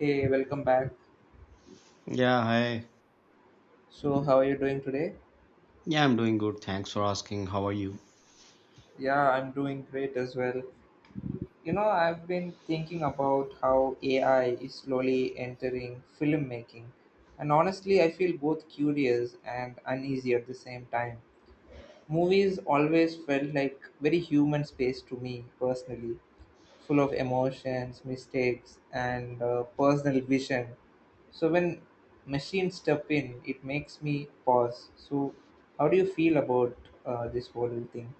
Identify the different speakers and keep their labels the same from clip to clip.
Speaker 1: Hey, welcome back.
Speaker 2: Yeah, hi.
Speaker 1: So, how are you doing today?
Speaker 2: Yeah, I'm doing good. Thanks for asking. How are you?
Speaker 1: Yeah, I'm doing great as well. You know, I've been thinking about how AI is slowly entering filmmaking. And honestly, I feel both curious and uneasy at the same time. Movies always felt like very human space to me personally. Full of emotions, mistakes, and personal vision. So when machines step in, it makes me pause. So how do you feel about this whole thing?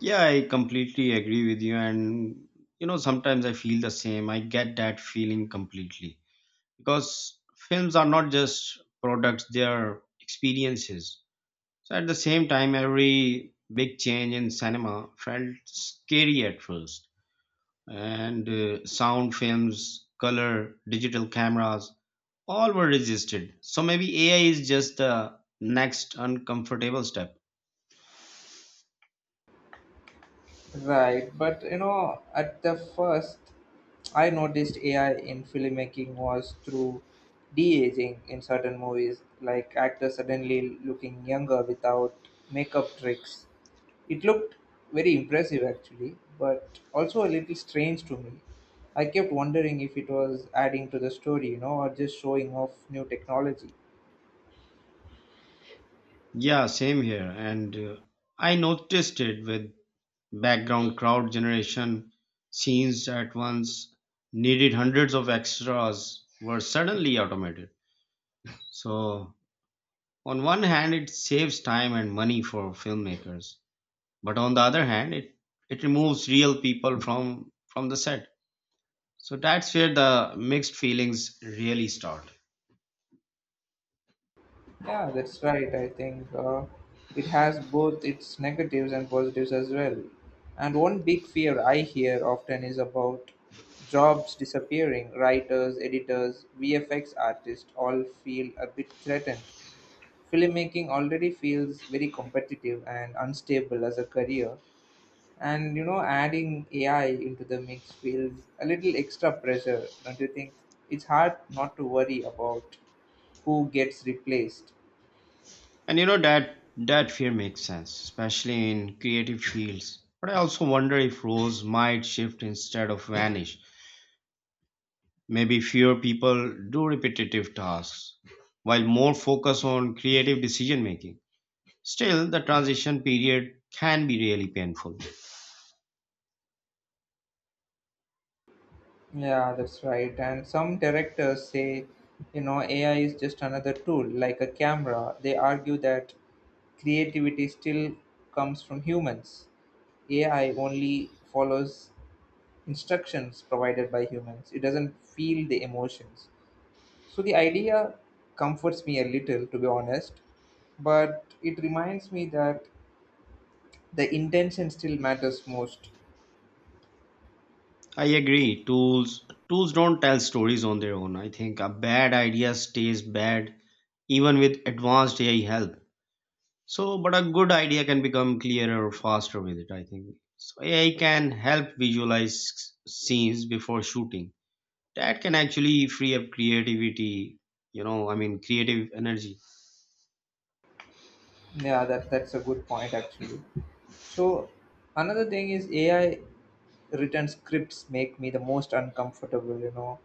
Speaker 2: Yeah, I completely agree with you. And, you know, sometimes I feel the same. I get that feeling completely because films are not just products, they are experiences. So at the same time, every big change in cinema felt scary at first. And Sound, films, color, digital cameras, all were resisted. So maybe AI is just the next uncomfortable step.
Speaker 1: Right, but you know, at the first, I noticed AI in filmmaking was through de-aging in certain movies, like actors suddenly looking younger without makeup tricks. It looked very impressive actually, but also a little strange to me. I kept wondering if it was adding to the story, you know, or just showing off new technology.
Speaker 2: Yeah, same here. And I noticed it with background crowd generation, scenes at once needed hundreds of extras were suddenly automated. So, on one hand, it saves time and money for filmmakers, but on the other hand, it removes real people from the set. So that's where the mixed feelings really start.
Speaker 1: Yeah, that's right. I think it has both its negatives and positives as well. And one big fear I hear often is about jobs disappearing. Writers, editors, VFX artists all feel a bit threatened. Filmmaking already feels very competitive and unstable as a career. And you know, adding AI into the mix feels a little extra pressure, don't you think? It's hard not to worry about who gets replaced.
Speaker 2: And you know, that fear makes sense, especially in creative fields. But I also wonder if roles might shift instead of vanish. Maybe fewer people do repetitive tasks, while more focus on creative decision making. Still, the transition period can be really painful.
Speaker 1: Yeah, that's right. And some directors say, you know, AI is just another tool, like a camera. They argue that creativity still comes from humans. AI only follows instructions provided by humans, it doesn't feel the emotions. So the idea comforts me a little, to be honest, but it reminds me that the intention still matters most.
Speaker 2: I agree. Tools don't tell stories on their own. I think a bad idea stays bad even with advanced AI help. So, but a good idea can become clearer faster with it, I think. So, AI can help visualize scenes before shooting. That can actually free up creativity, you know, I mean, creative energy.
Speaker 1: Yeah, that's a good point actually. So another thing is AI written scripts make me the most uncomfortable, you know,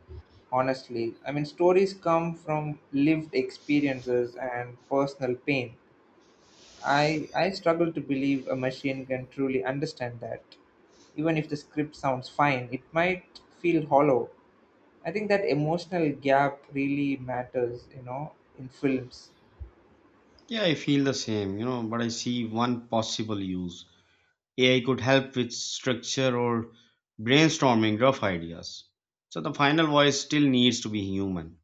Speaker 1: honestly. I mean, stories come from lived experiences and personal pain I struggle to believe a machine can truly understand that. Even if the script sounds fine, it might feel hollow. I think that emotional gap really matters, you know, in films.
Speaker 2: Yeah, I feel the same, you know, but I see one possible use. AI could help with structure or brainstorming rough ideas. So, the final voice still needs to be human.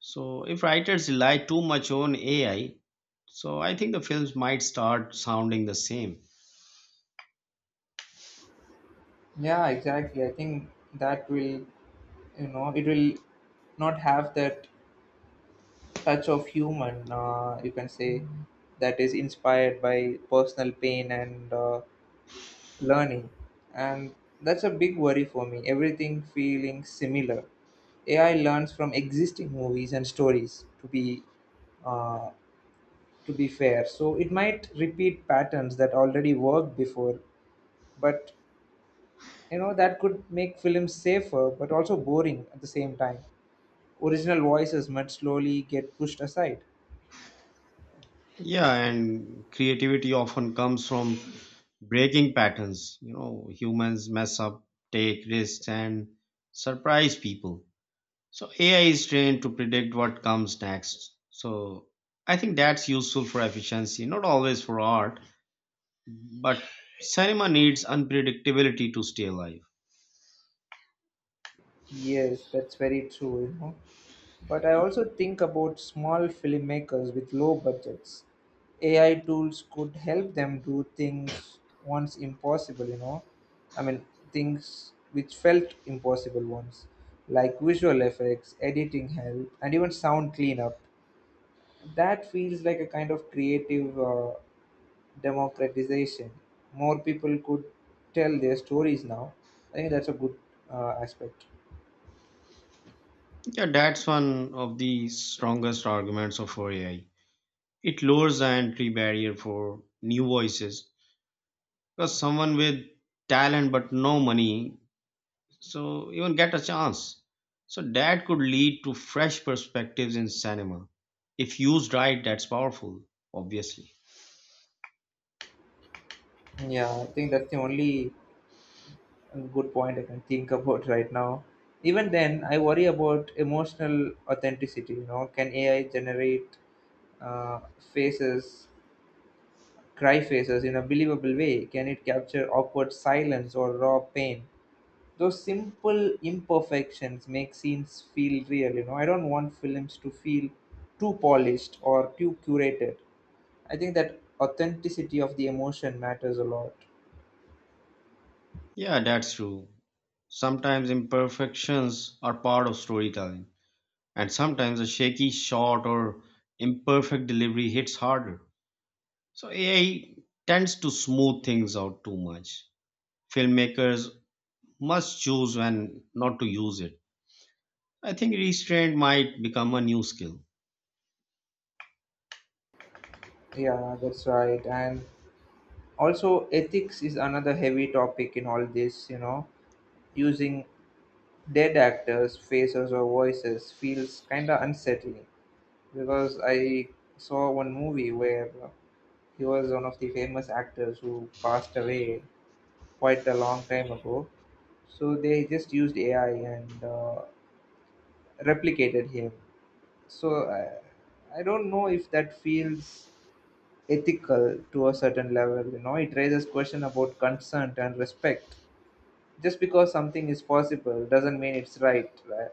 Speaker 2: So, if writers rely too much on AI, so I think the films might start sounding the same.
Speaker 1: Yeah, exactly. I think that will, you know, it will not have that touch of human, you can say, that is inspired by personal pain and learning and that's a big worry for me everything feeling similar AI learns from existing movies and stories uh, to be fair so it might repeat patterns that already worked before but you know that could make films safer but also boring at the same time original voices might slowly get pushed aside
Speaker 2: Yeah, and creativity often comes from breaking patterns. You know, humans mess up, take risks, and surprise people. So AI is trained to predict what comes next. So I think that's useful for efficiency, not always for art, but cinema needs unpredictability to stay alive.
Speaker 1: yes that's very true you know. But I also think about small filmmakers with low budgets. AI tools could help them do things once impossible, you know. I mean, things which felt impossible once, like visual effects, editing help, and even sound cleanup. That feels like a kind of creative democratization. More people could tell their stories now. I think that's a good aspect.
Speaker 2: Yeah, that's one of the strongest arguments of for AI. It lowers the entry barrier for new voices because someone with talent but no money so even get a chance, so that could lead to fresh perspectives in cinema if used right. That's powerful, obviously.
Speaker 1: Yeah, I think that's the only good point I can think about right now. Even then, I worry about emotional authenticity. You know, can AI generate uh, faces, cry faces in a believable way? Can it capture awkward silence or raw pain? Those simple imperfections make scenes feel real. You know, I don't want films to feel too polished or too curated. I think that authenticity of the emotion matters a lot.
Speaker 2: Yeah, that's true. Sometimes imperfections are part of storytelling, and sometimes a shaky shot or imperfect delivery hits harder. So AI tends to smooth things out too much. Filmmakers must choose when not to use it. I think restraint might become a new skill.
Speaker 1: Yeah, that's right. And also ethics is another heavy topic in all this you know using dead actors faces or voices feels kind of unsettling because I saw one movie where he was one of the famous actors who passed away quite a long time ago so they just used AI and replicated him so I don't know if that feels ethical to a certain level you know it raises question about consent and respect just because something is possible doesn't mean it's right, right?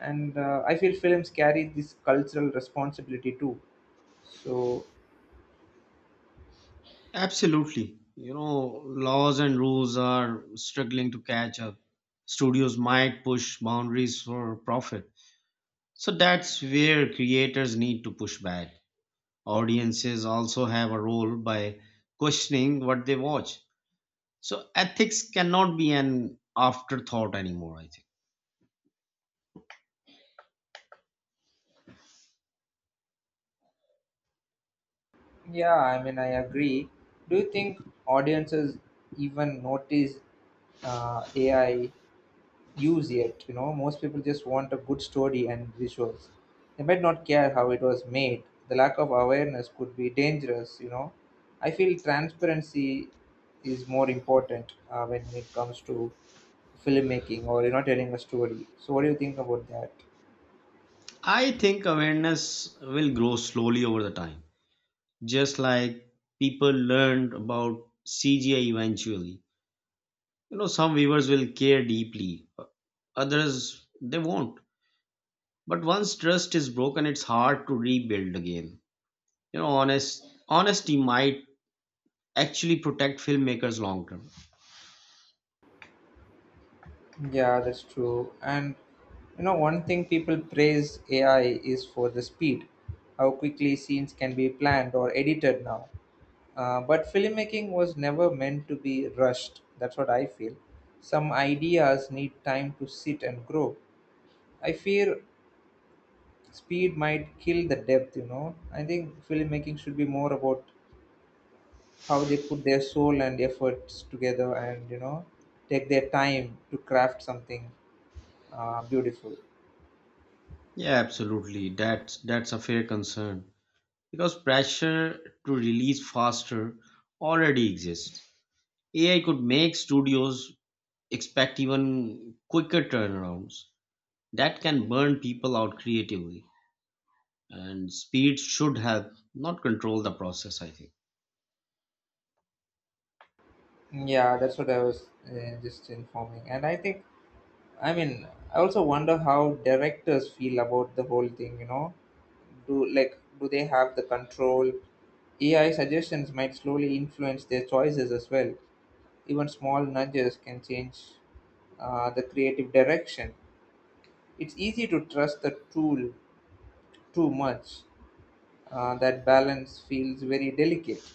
Speaker 1: And I feel films carry this cultural responsibility too. So,
Speaker 2: Absolutely. You know, laws and rules are struggling to catch up. Studios might push boundaries for profit. So that's where creators need to push back. Audiences also have a role by questioning what they watch. So ethics cannot be an afterthought anymore, I think.
Speaker 1: yeah, I mean, I agree. Do you think audiences even notice AI use yet? You know, most people just want a good story and visuals. They might not care how it was made. The lack of awareness could be dangerous, you know. I feel transparency is more important when it comes to filmmaking or you know telling a story so what do you think about that
Speaker 2: I think awareness will grow slowly over the time. Just like people learned about CGI eventually. You know, some viewers will care deeply, others they won't. But once trust is broken, it's hard to rebuild again. You know, honesty might actually protect filmmakers long term.
Speaker 1: yeah that's true and you know one thing people praise AI is for the speed how quickly scenes can be planned or edited now but filmmaking was never meant to be rushed that's what I feel some ideas need time to sit and grow I fear speed might kill the depth you know I think filmmaking should be more about how they put their soul and efforts together and you know take their time to craft something beautiful
Speaker 2: Yeah, absolutely. That's a fair concern because pressure to release faster already exists. AI could make studios expect even quicker turnarounds. That can burn people out creatively, and speed should help, not control the process, I think.
Speaker 1: yeah that's what I was just informing and I think I mean I also wonder how directors feel about the whole thing you know do like do they have the control AI suggestions might slowly influence their choices as well even small nudges can change the creative direction it's easy to trust the tool too much that balance feels very delicate.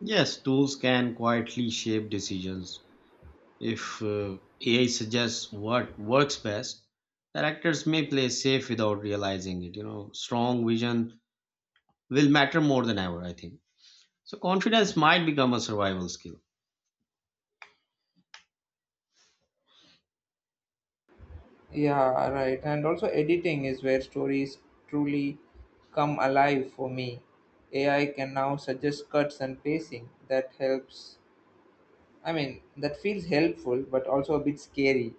Speaker 2: Yes, tools can quietly shape decisions if AI suggests what works best. Directors may play safe without realizing it. You know, strong vision will matter more than ever, I think. So confidence might become a survival skill.
Speaker 1: Yeah, right. And also, editing is where stories truly come alive for me. AI can now suggest cuts and pacing that helps. I mean, that feels helpful but also a bit scary.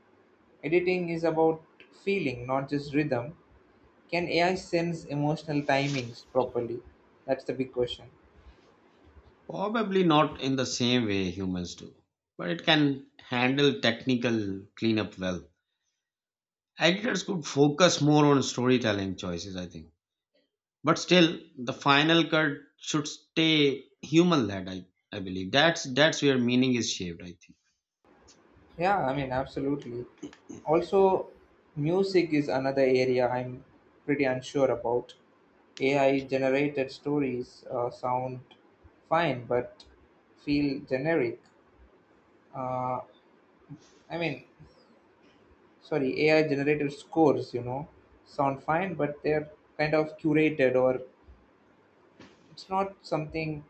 Speaker 1: Editing is about feeling, not just rhythm. Can AI sense emotional timings properly? That's the big question.
Speaker 2: Probably not in the same way humans do, but it can handle technical cleanup well. Editors could focus more on storytelling choices, I think. But still, the final cut should stay human led. I believe that's where meaning is shaped, I think.
Speaker 1: Yeah, I mean, absolutely. Also, music is another area I'm pretty unsure about. AI generated stories sound fine but feel generic. Uh, I mean, sorry, AI generated scores, you know, sound fine but they're kind of curated or it's not something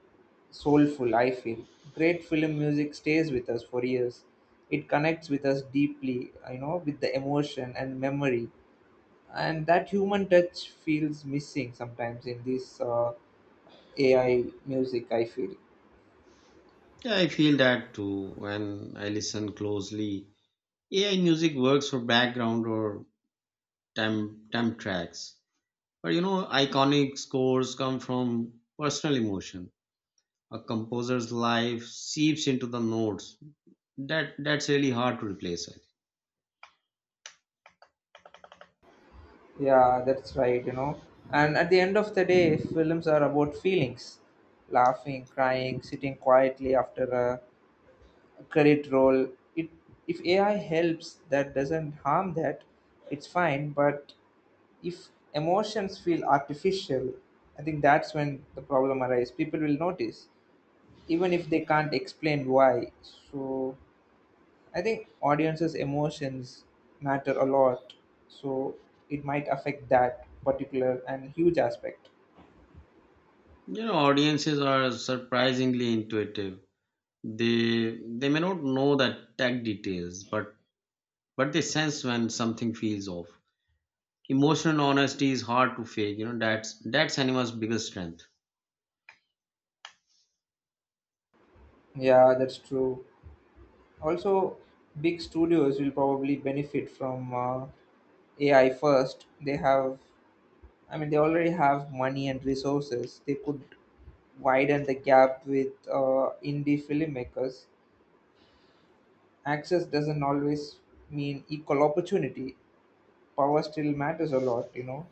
Speaker 1: soulful, I feel. Great film music stays with us for years. It connects with us deeply, you know, with the emotion and memory. And that human touch feels missing sometimes in this AI music, I feel.
Speaker 2: Yeah, I feel that too. When I listen closely, AI music works for background or temp tracks, but you know, iconic scores come from personal emotion. A composer's life seeps into the notes. That's really hard to replace.
Speaker 1: Yeah, that's right, you know. And at the end of the day, films are about feelings laughing, crying, sitting quietly after a credit role it if AI helps that doesn't harm that it's fine but if emotions feel artificial I think that's when the problem arises people will notice even if they can't explain why so I think audiences emotions matter a lot so it might affect that particular and huge aspect
Speaker 2: You know, audiences are surprisingly intuitive. They may not know the tech details, but they sense when something feels off. Emotional honesty is hard to fake. You know, that's anima's biggest strength.
Speaker 1: yeah that's true also big studios will probably benefit from AI first, they have, I mean, they already have money and resources. They could widen the gap with indie filmmakers. Access doesn't always mean equal opportunity. Power still matters a lot, you know.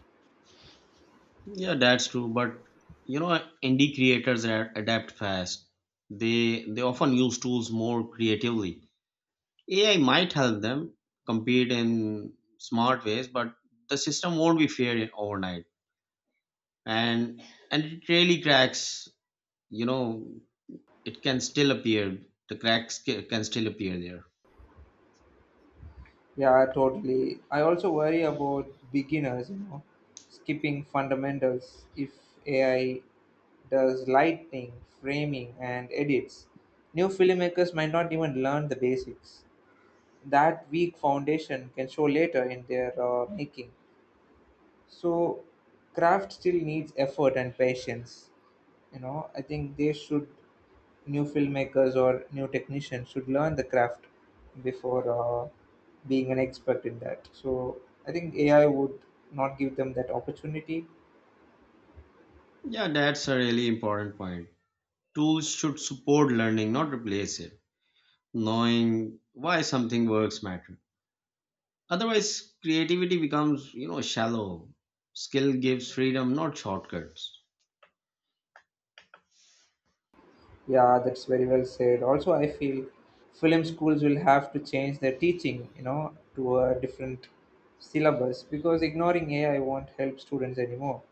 Speaker 2: Yeah, that's true. But you know, indie creators adapt fast. They often use tools more creatively. AI might help them compete in smart ways, but the system won't be fair overnight. And and it really cracks, you know, it can still appear. The cracks can still appear there.
Speaker 1: Yeah, totally. I also worry about beginners, you know, skipping fundamentals if AI does lighting, framing, and edits. New filmmakers might not even learn the basics. That weak foundation can show later in their making. So, craft still needs effort and patience. You know, I think they should, new filmmakers or new technicians should learn the craft before being an expert in that. So, I think AI would not give them that opportunity.
Speaker 2: Yeah, that's a really important point. Tools should support learning, not replace it. Knowing why something works matter. Otherwise creativity becomes, you know, shallow. Skill gives freedom, not shortcuts.
Speaker 1: Yeah, that's very well said. Also, I feel film schools will have to change their teaching, you know, to a different syllabus because ignoring AI won't help students anymore.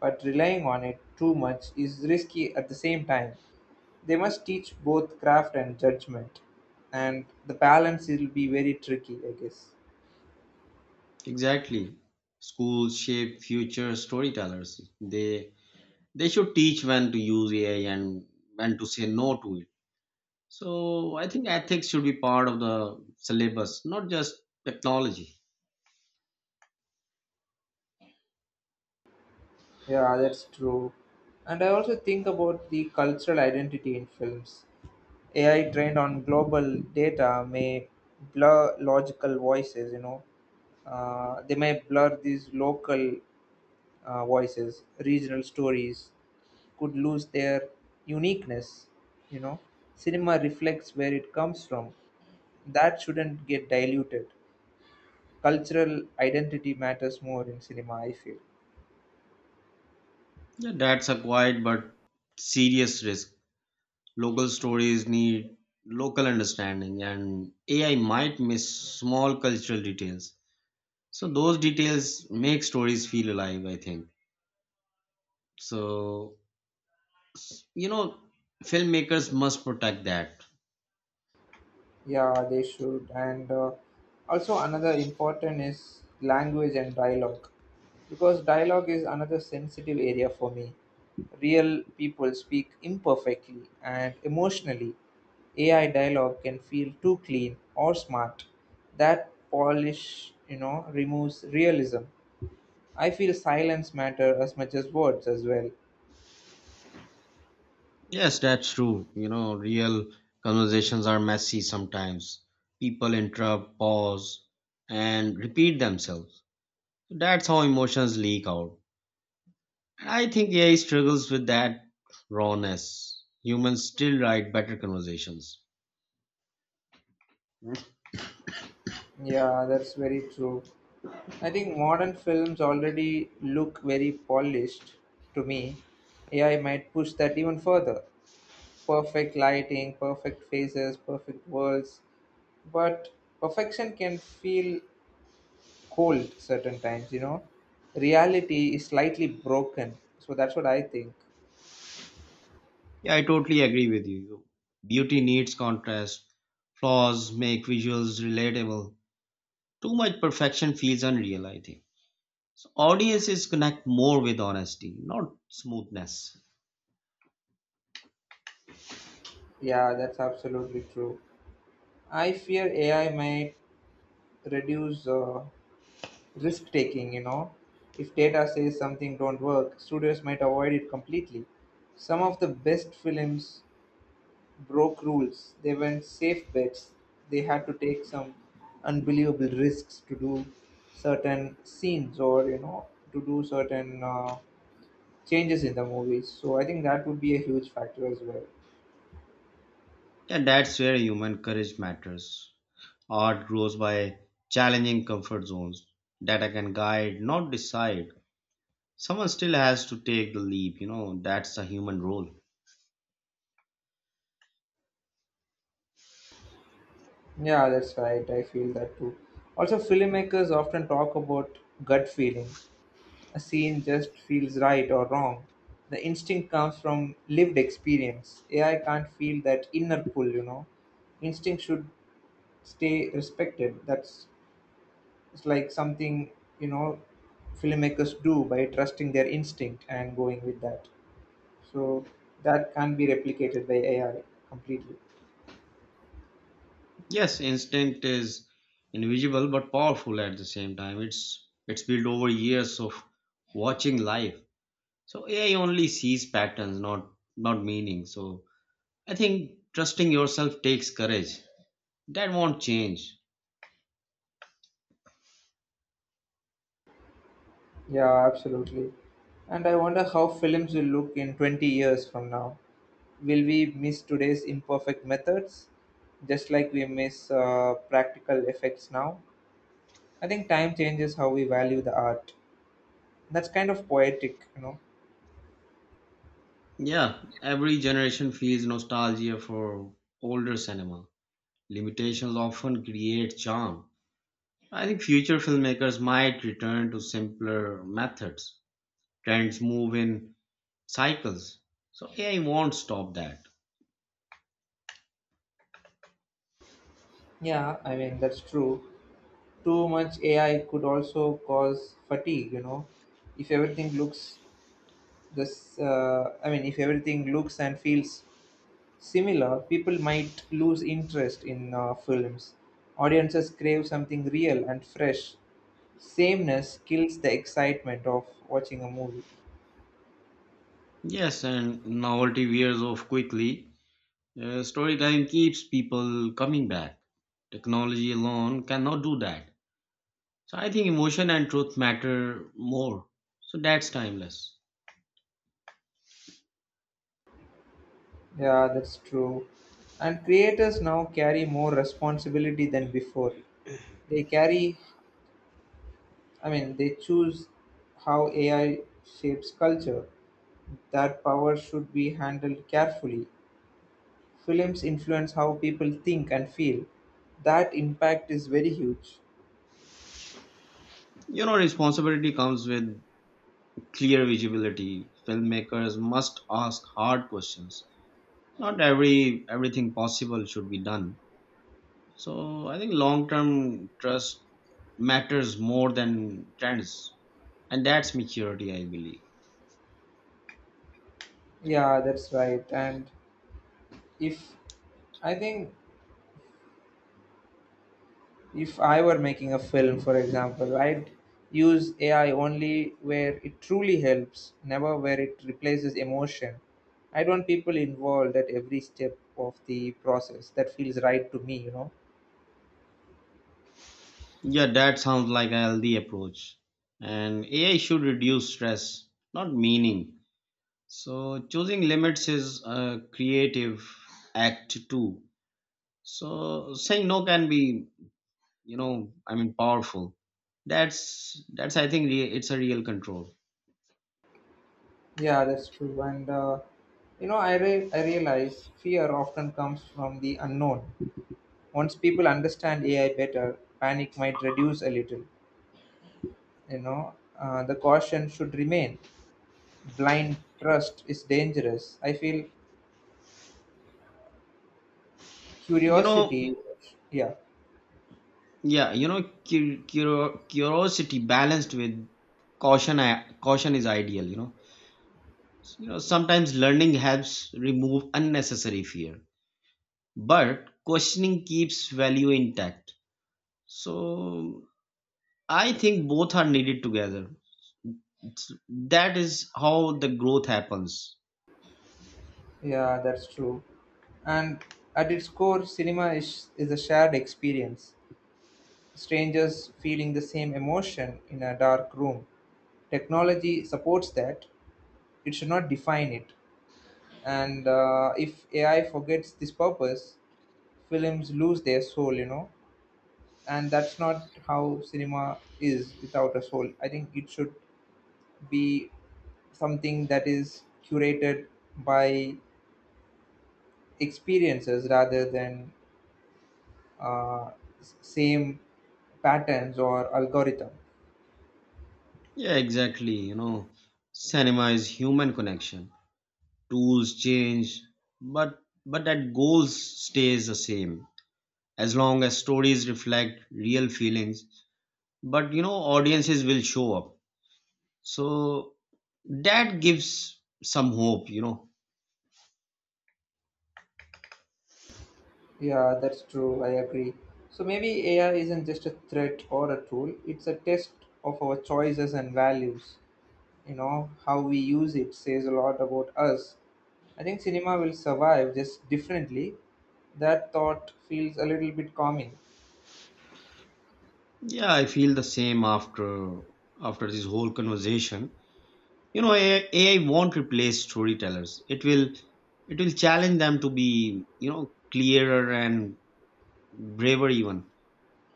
Speaker 1: But relying on it too much is risky at the same time. They must teach both craft and judgment, and the balance will be very tricky, I guess.
Speaker 2: Exactly. Schools shape future storytellers. They should teach when to use AI and when to say no to it. So I think ethics should be part of the syllabus, not just technology.
Speaker 1: Yeah, that's true. And I also think about the cultural identity in films. AI trained on global data may blur logical voices, you know. They may blur these local voices, regional stories could lose their uniqueness, you know. Cinema reflects where it comes from. That shouldn't get diluted. Cultural identity matters more in cinema, I feel.
Speaker 2: Yeah, that's a quiet but serious risk. Local stories need local understanding, and AI might miss small cultural details. So those details make stories feel alive, I think. So you know, filmmakers must protect that.
Speaker 1: Yeah, they should. And also, another important is language and dialogue. Because dialogue is another sensitive area for me. Real people speak imperfectly and emotionally. AI dialogue can feel too clean or smart. That polish, you know, removes realism. I feel silence matter as much as words as well.
Speaker 2: Yes, that's true. You know, real conversations are messy sometimes. People interrupt, pause, and repeat themselves. That's how emotions leak out. And I think AI struggles with that rawness. Humans still write better conversations.
Speaker 1: Yeah, that's very true. I think modern films already look very polished to me. AI might push that even further. Perfect lighting, perfect faces, perfect worlds. But perfection can feel cold certain times, you know. Reality is slightly broken. So that's what I think.
Speaker 2: Yeah, I totally agree with you. Beauty needs contrast. Flaws make visuals relatable. Too much perfection feels unreal, I think. So audiences connect more with honesty, not smoothness.
Speaker 1: Yeah, that's absolutely true. I fear AI might reduce risk taking, you know. If data says something don't work, studios might avoid it completely. Some of the best films broke rules. They weren't safe bets. They had to take some unbelievable risks to do certain scenes or, you know, to do certain changes in the movies. So I think that would be a huge factor as well.
Speaker 2: Yeah, that's where human courage matters. Art grows by challenging comfort zones. Data can guide, not decide. Someone still has to take the leap, you know, that's the human role.
Speaker 1: Yeah, that's right. I feel that too. Also, filmmakers often talk about gut feeling. A scene just feels right or wrong. The instinct comes from lived experience. AI can't feel that inner pull, you know. Instinct should stay respected. That's It's like something, you know, filmmakers do by trusting their instinct and going with that. So that can't be replicated by AI completely.
Speaker 2: Yes, instinct is invisible but powerful at the same time. It's built over years of watching life. So AI only sees patterns, not meaning. So I think trusting yourself takes courage. That won't change.
Speaker 1: Yeah, absolutely. And I wonder how films will look in 20 years from now. Will we miss today's imperfect methods just like we miss practical effects now? I think time changes how we value the art. That's kind of poetic.
Speaker 2: Yeah, every generation feels nostalgia for older cinema. Limitations often create charm. I think future filmmakers might return to simpler methods. Trends move in cycles. So AI won't stop that.
Speaker 1: Yeah, I mean that's true. Too much AI could also cause fatigue. If everything looks this I mean if everything looks and feels similar, people might lose interest in films. Audiences crave something real and fresh. Sameness kills the excitement of watching a movie.
Speaker 2: Yes, and novelty wears off quickly. Storytelling keeps people coming back. Technology alone cannot do that. So I think emotion and truth matter more. So that's timeless.
Speaker 1: Yeah, that's true. And creators now carry more responsibility than before. They carry, I mean, They choose how AI shapes culture. That power should be handled carefully. Films influence how people think and feel. That impact is very huge.
Speaker 2: You know, responsibility comes with clear visibility. Filmmakers must ask hard questions. Not everything possible should be done. So I think long term trust matters more than trends, and that's maturity, I believe.
Speaker 1: Yeah, that's right. And if I think if I were making a film, for example, I'd use AI only where it truly helps, never where it replaces emotion. I want people involved at every step of the process. That feels right to me, you know.
Speaker 2: Yeah, that sounds like a healthy approach. And AI should reduce stress, not meaning. So choosing limits is a creative act too. So saying no can be, you know, I mean, powerful. that's that's I think it's a real control,
Speaker 1: Yeah, that's true. And you know, I realize fear often comes from the unknown. Once people understand AI better, panic might reduce a little. You know, the caution should remain. Blind trust is dangerous. I feel
Speaker 2: you know.
Speaker 1: curiosity. Yeah.
Speaker 2: Yeah, you know, curiosity balanced with caution. Caution is ideal, you know. You know, sometimes learning helps remove unnecessary fear, but questioning keeps value intact. So I think both are needed together. It's, that is how the growth happens.
Speaker 1: Yeah, that's true. And at its core, cinema is a shared experience, strangers feeling the same emotion in a dark room. Technology supports that, it should not define it. And if AI forgets this purpose, films lose their soul. And that's not how cinema is. Without a soul, I think it should be something that is curated by experiences rather than uh, same patterns or algorithm.
Speaker 2: Yeah, exactly, you know. Cinema is human connection. Tools change, but but that goals stays the same. As long as stories reflect real feelings, but you know, audiences will show up, so that gives some hope, you know.
Speaker 1: Yeah, that's true. I agree. So maybe AI isn't just a threat or a tool, it's a test of our choices and values. You know, how we use it says a lot about us. I think cinema will survive, just differently. That thought feels a little bit calming.
Speaker 2: Yeah, I feel the same after after this whole conversation. You know, AI won't replace storytellers. It will challenge them to be, you know, clearer and braver even.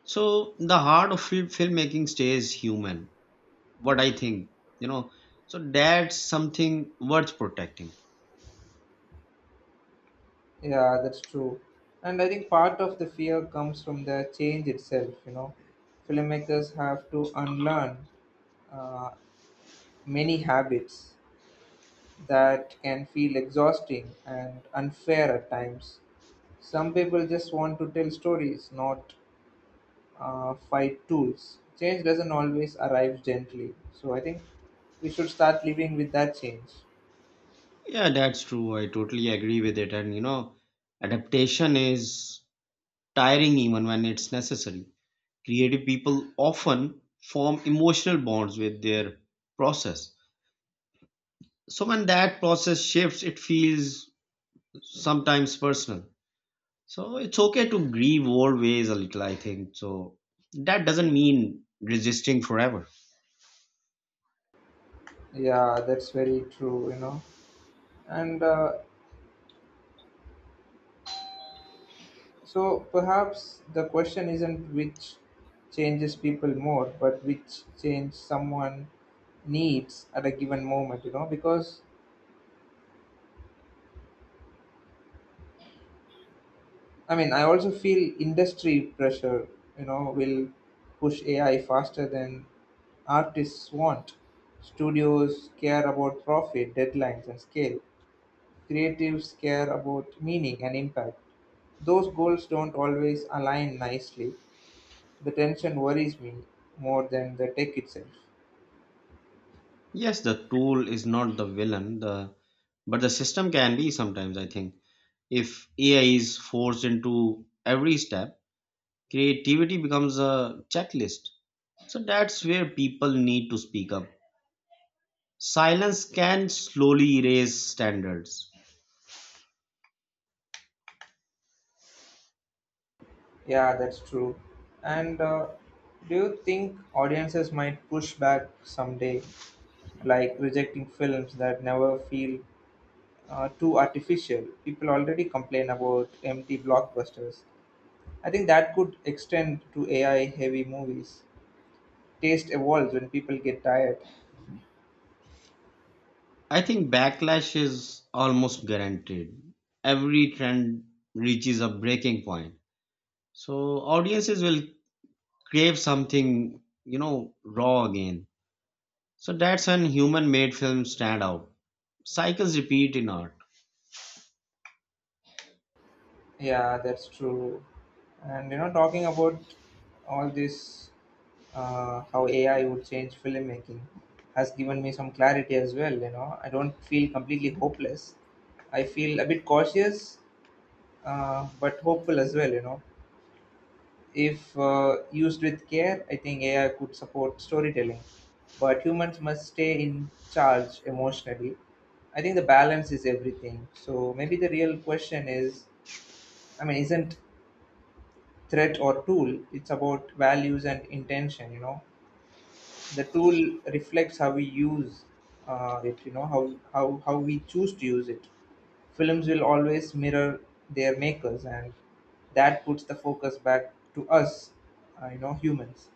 Speaker 2: So the heart of filmmaking stays human, what I think, you know. So that's something worth protecting.
Speaker 1: Yeah, that's true. And I think part of the fear comes from the change itself, you know. Filmmakers have to unlearn uh, many habits that can feel exhausting and unfair at times. Some people just want to tell stories, not fight tools. Change doesn't always arrive gently. So I think we should start living with that change.
Speaker 2: Yeah, that's true. I totally agree with it. And you know, adaptation is tiring even when it's necessary. Creative people often form emotional bonds with their process. So when that process shifts, it feels sometimes personal. So it's okay to grieve old ways a little, I think. So that doesn't mean resisting forever.
Speaker 1: Yeah, that's very true, you know. And so perhaps the question isn't which changes people more, but which change someone needs at a given moment, you know, because I also feel industry pressure, you know, will push AI faster than artists want. Studios care about profit, deadlines, and scale. Creatives care about meaning and impact. Those goals don't always align nicely. The tension worries me more than the tech itself.
Speaker 2: Yes, the tool is not the villain, the but the system can be sometimes, I think. If AI is forced into every step, creativity becomes a checklist. So that's where people need to speak up. Silence can slowly erase standards.
Speaker 1: Yeah, that's true. And do you think audiences might push back someday, like rejecting films that never feel too artificial? People already complain about empty blockbusters. I think that could extend to AI heavy movies. Taste evolves when people get tired.
Speaker 2: I think backlash is almost guaranteed. Every trend reaches a breaking point. So audiences will crave something, you know, raw again. So that's when human made films stand out. Cycles repeat in art.
Speaker 1: Yeah, that's true. And you know, talking about all this, how AI would change filmmaking has given me some clarity as well. You know, I don't feel completely hopeless. I feel a bit cautious, but hopeful as well. You know, if used with care, I think AI could support storytelling, but humans must stay in charge emotionally. I think the balance is everything. So maybe the real question is, isn't threat or tool, it's about values and intention, you know. The tool reflects how we use it. You know, how we choose to use it. Films will always mirror their makers, and that puts the focus back to us, you know, humans.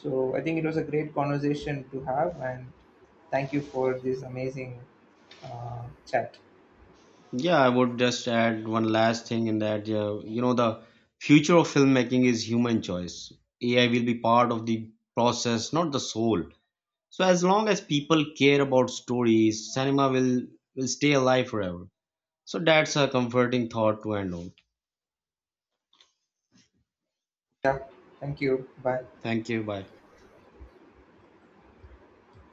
Speaker 1: So I think it was a great conversation to have, and thank you for this amazing chat.
Speaker 2: Yeah, I would just add one last thing in that, you know, the future of filmmaking is human choice. AI will be part of the process, not the soul. So as long as people care about stories, will stay alive forever. So that's a comforting thought to end on.
Speaker 1: Thank you. Bye.
Speaker 2: Thank you. Bye.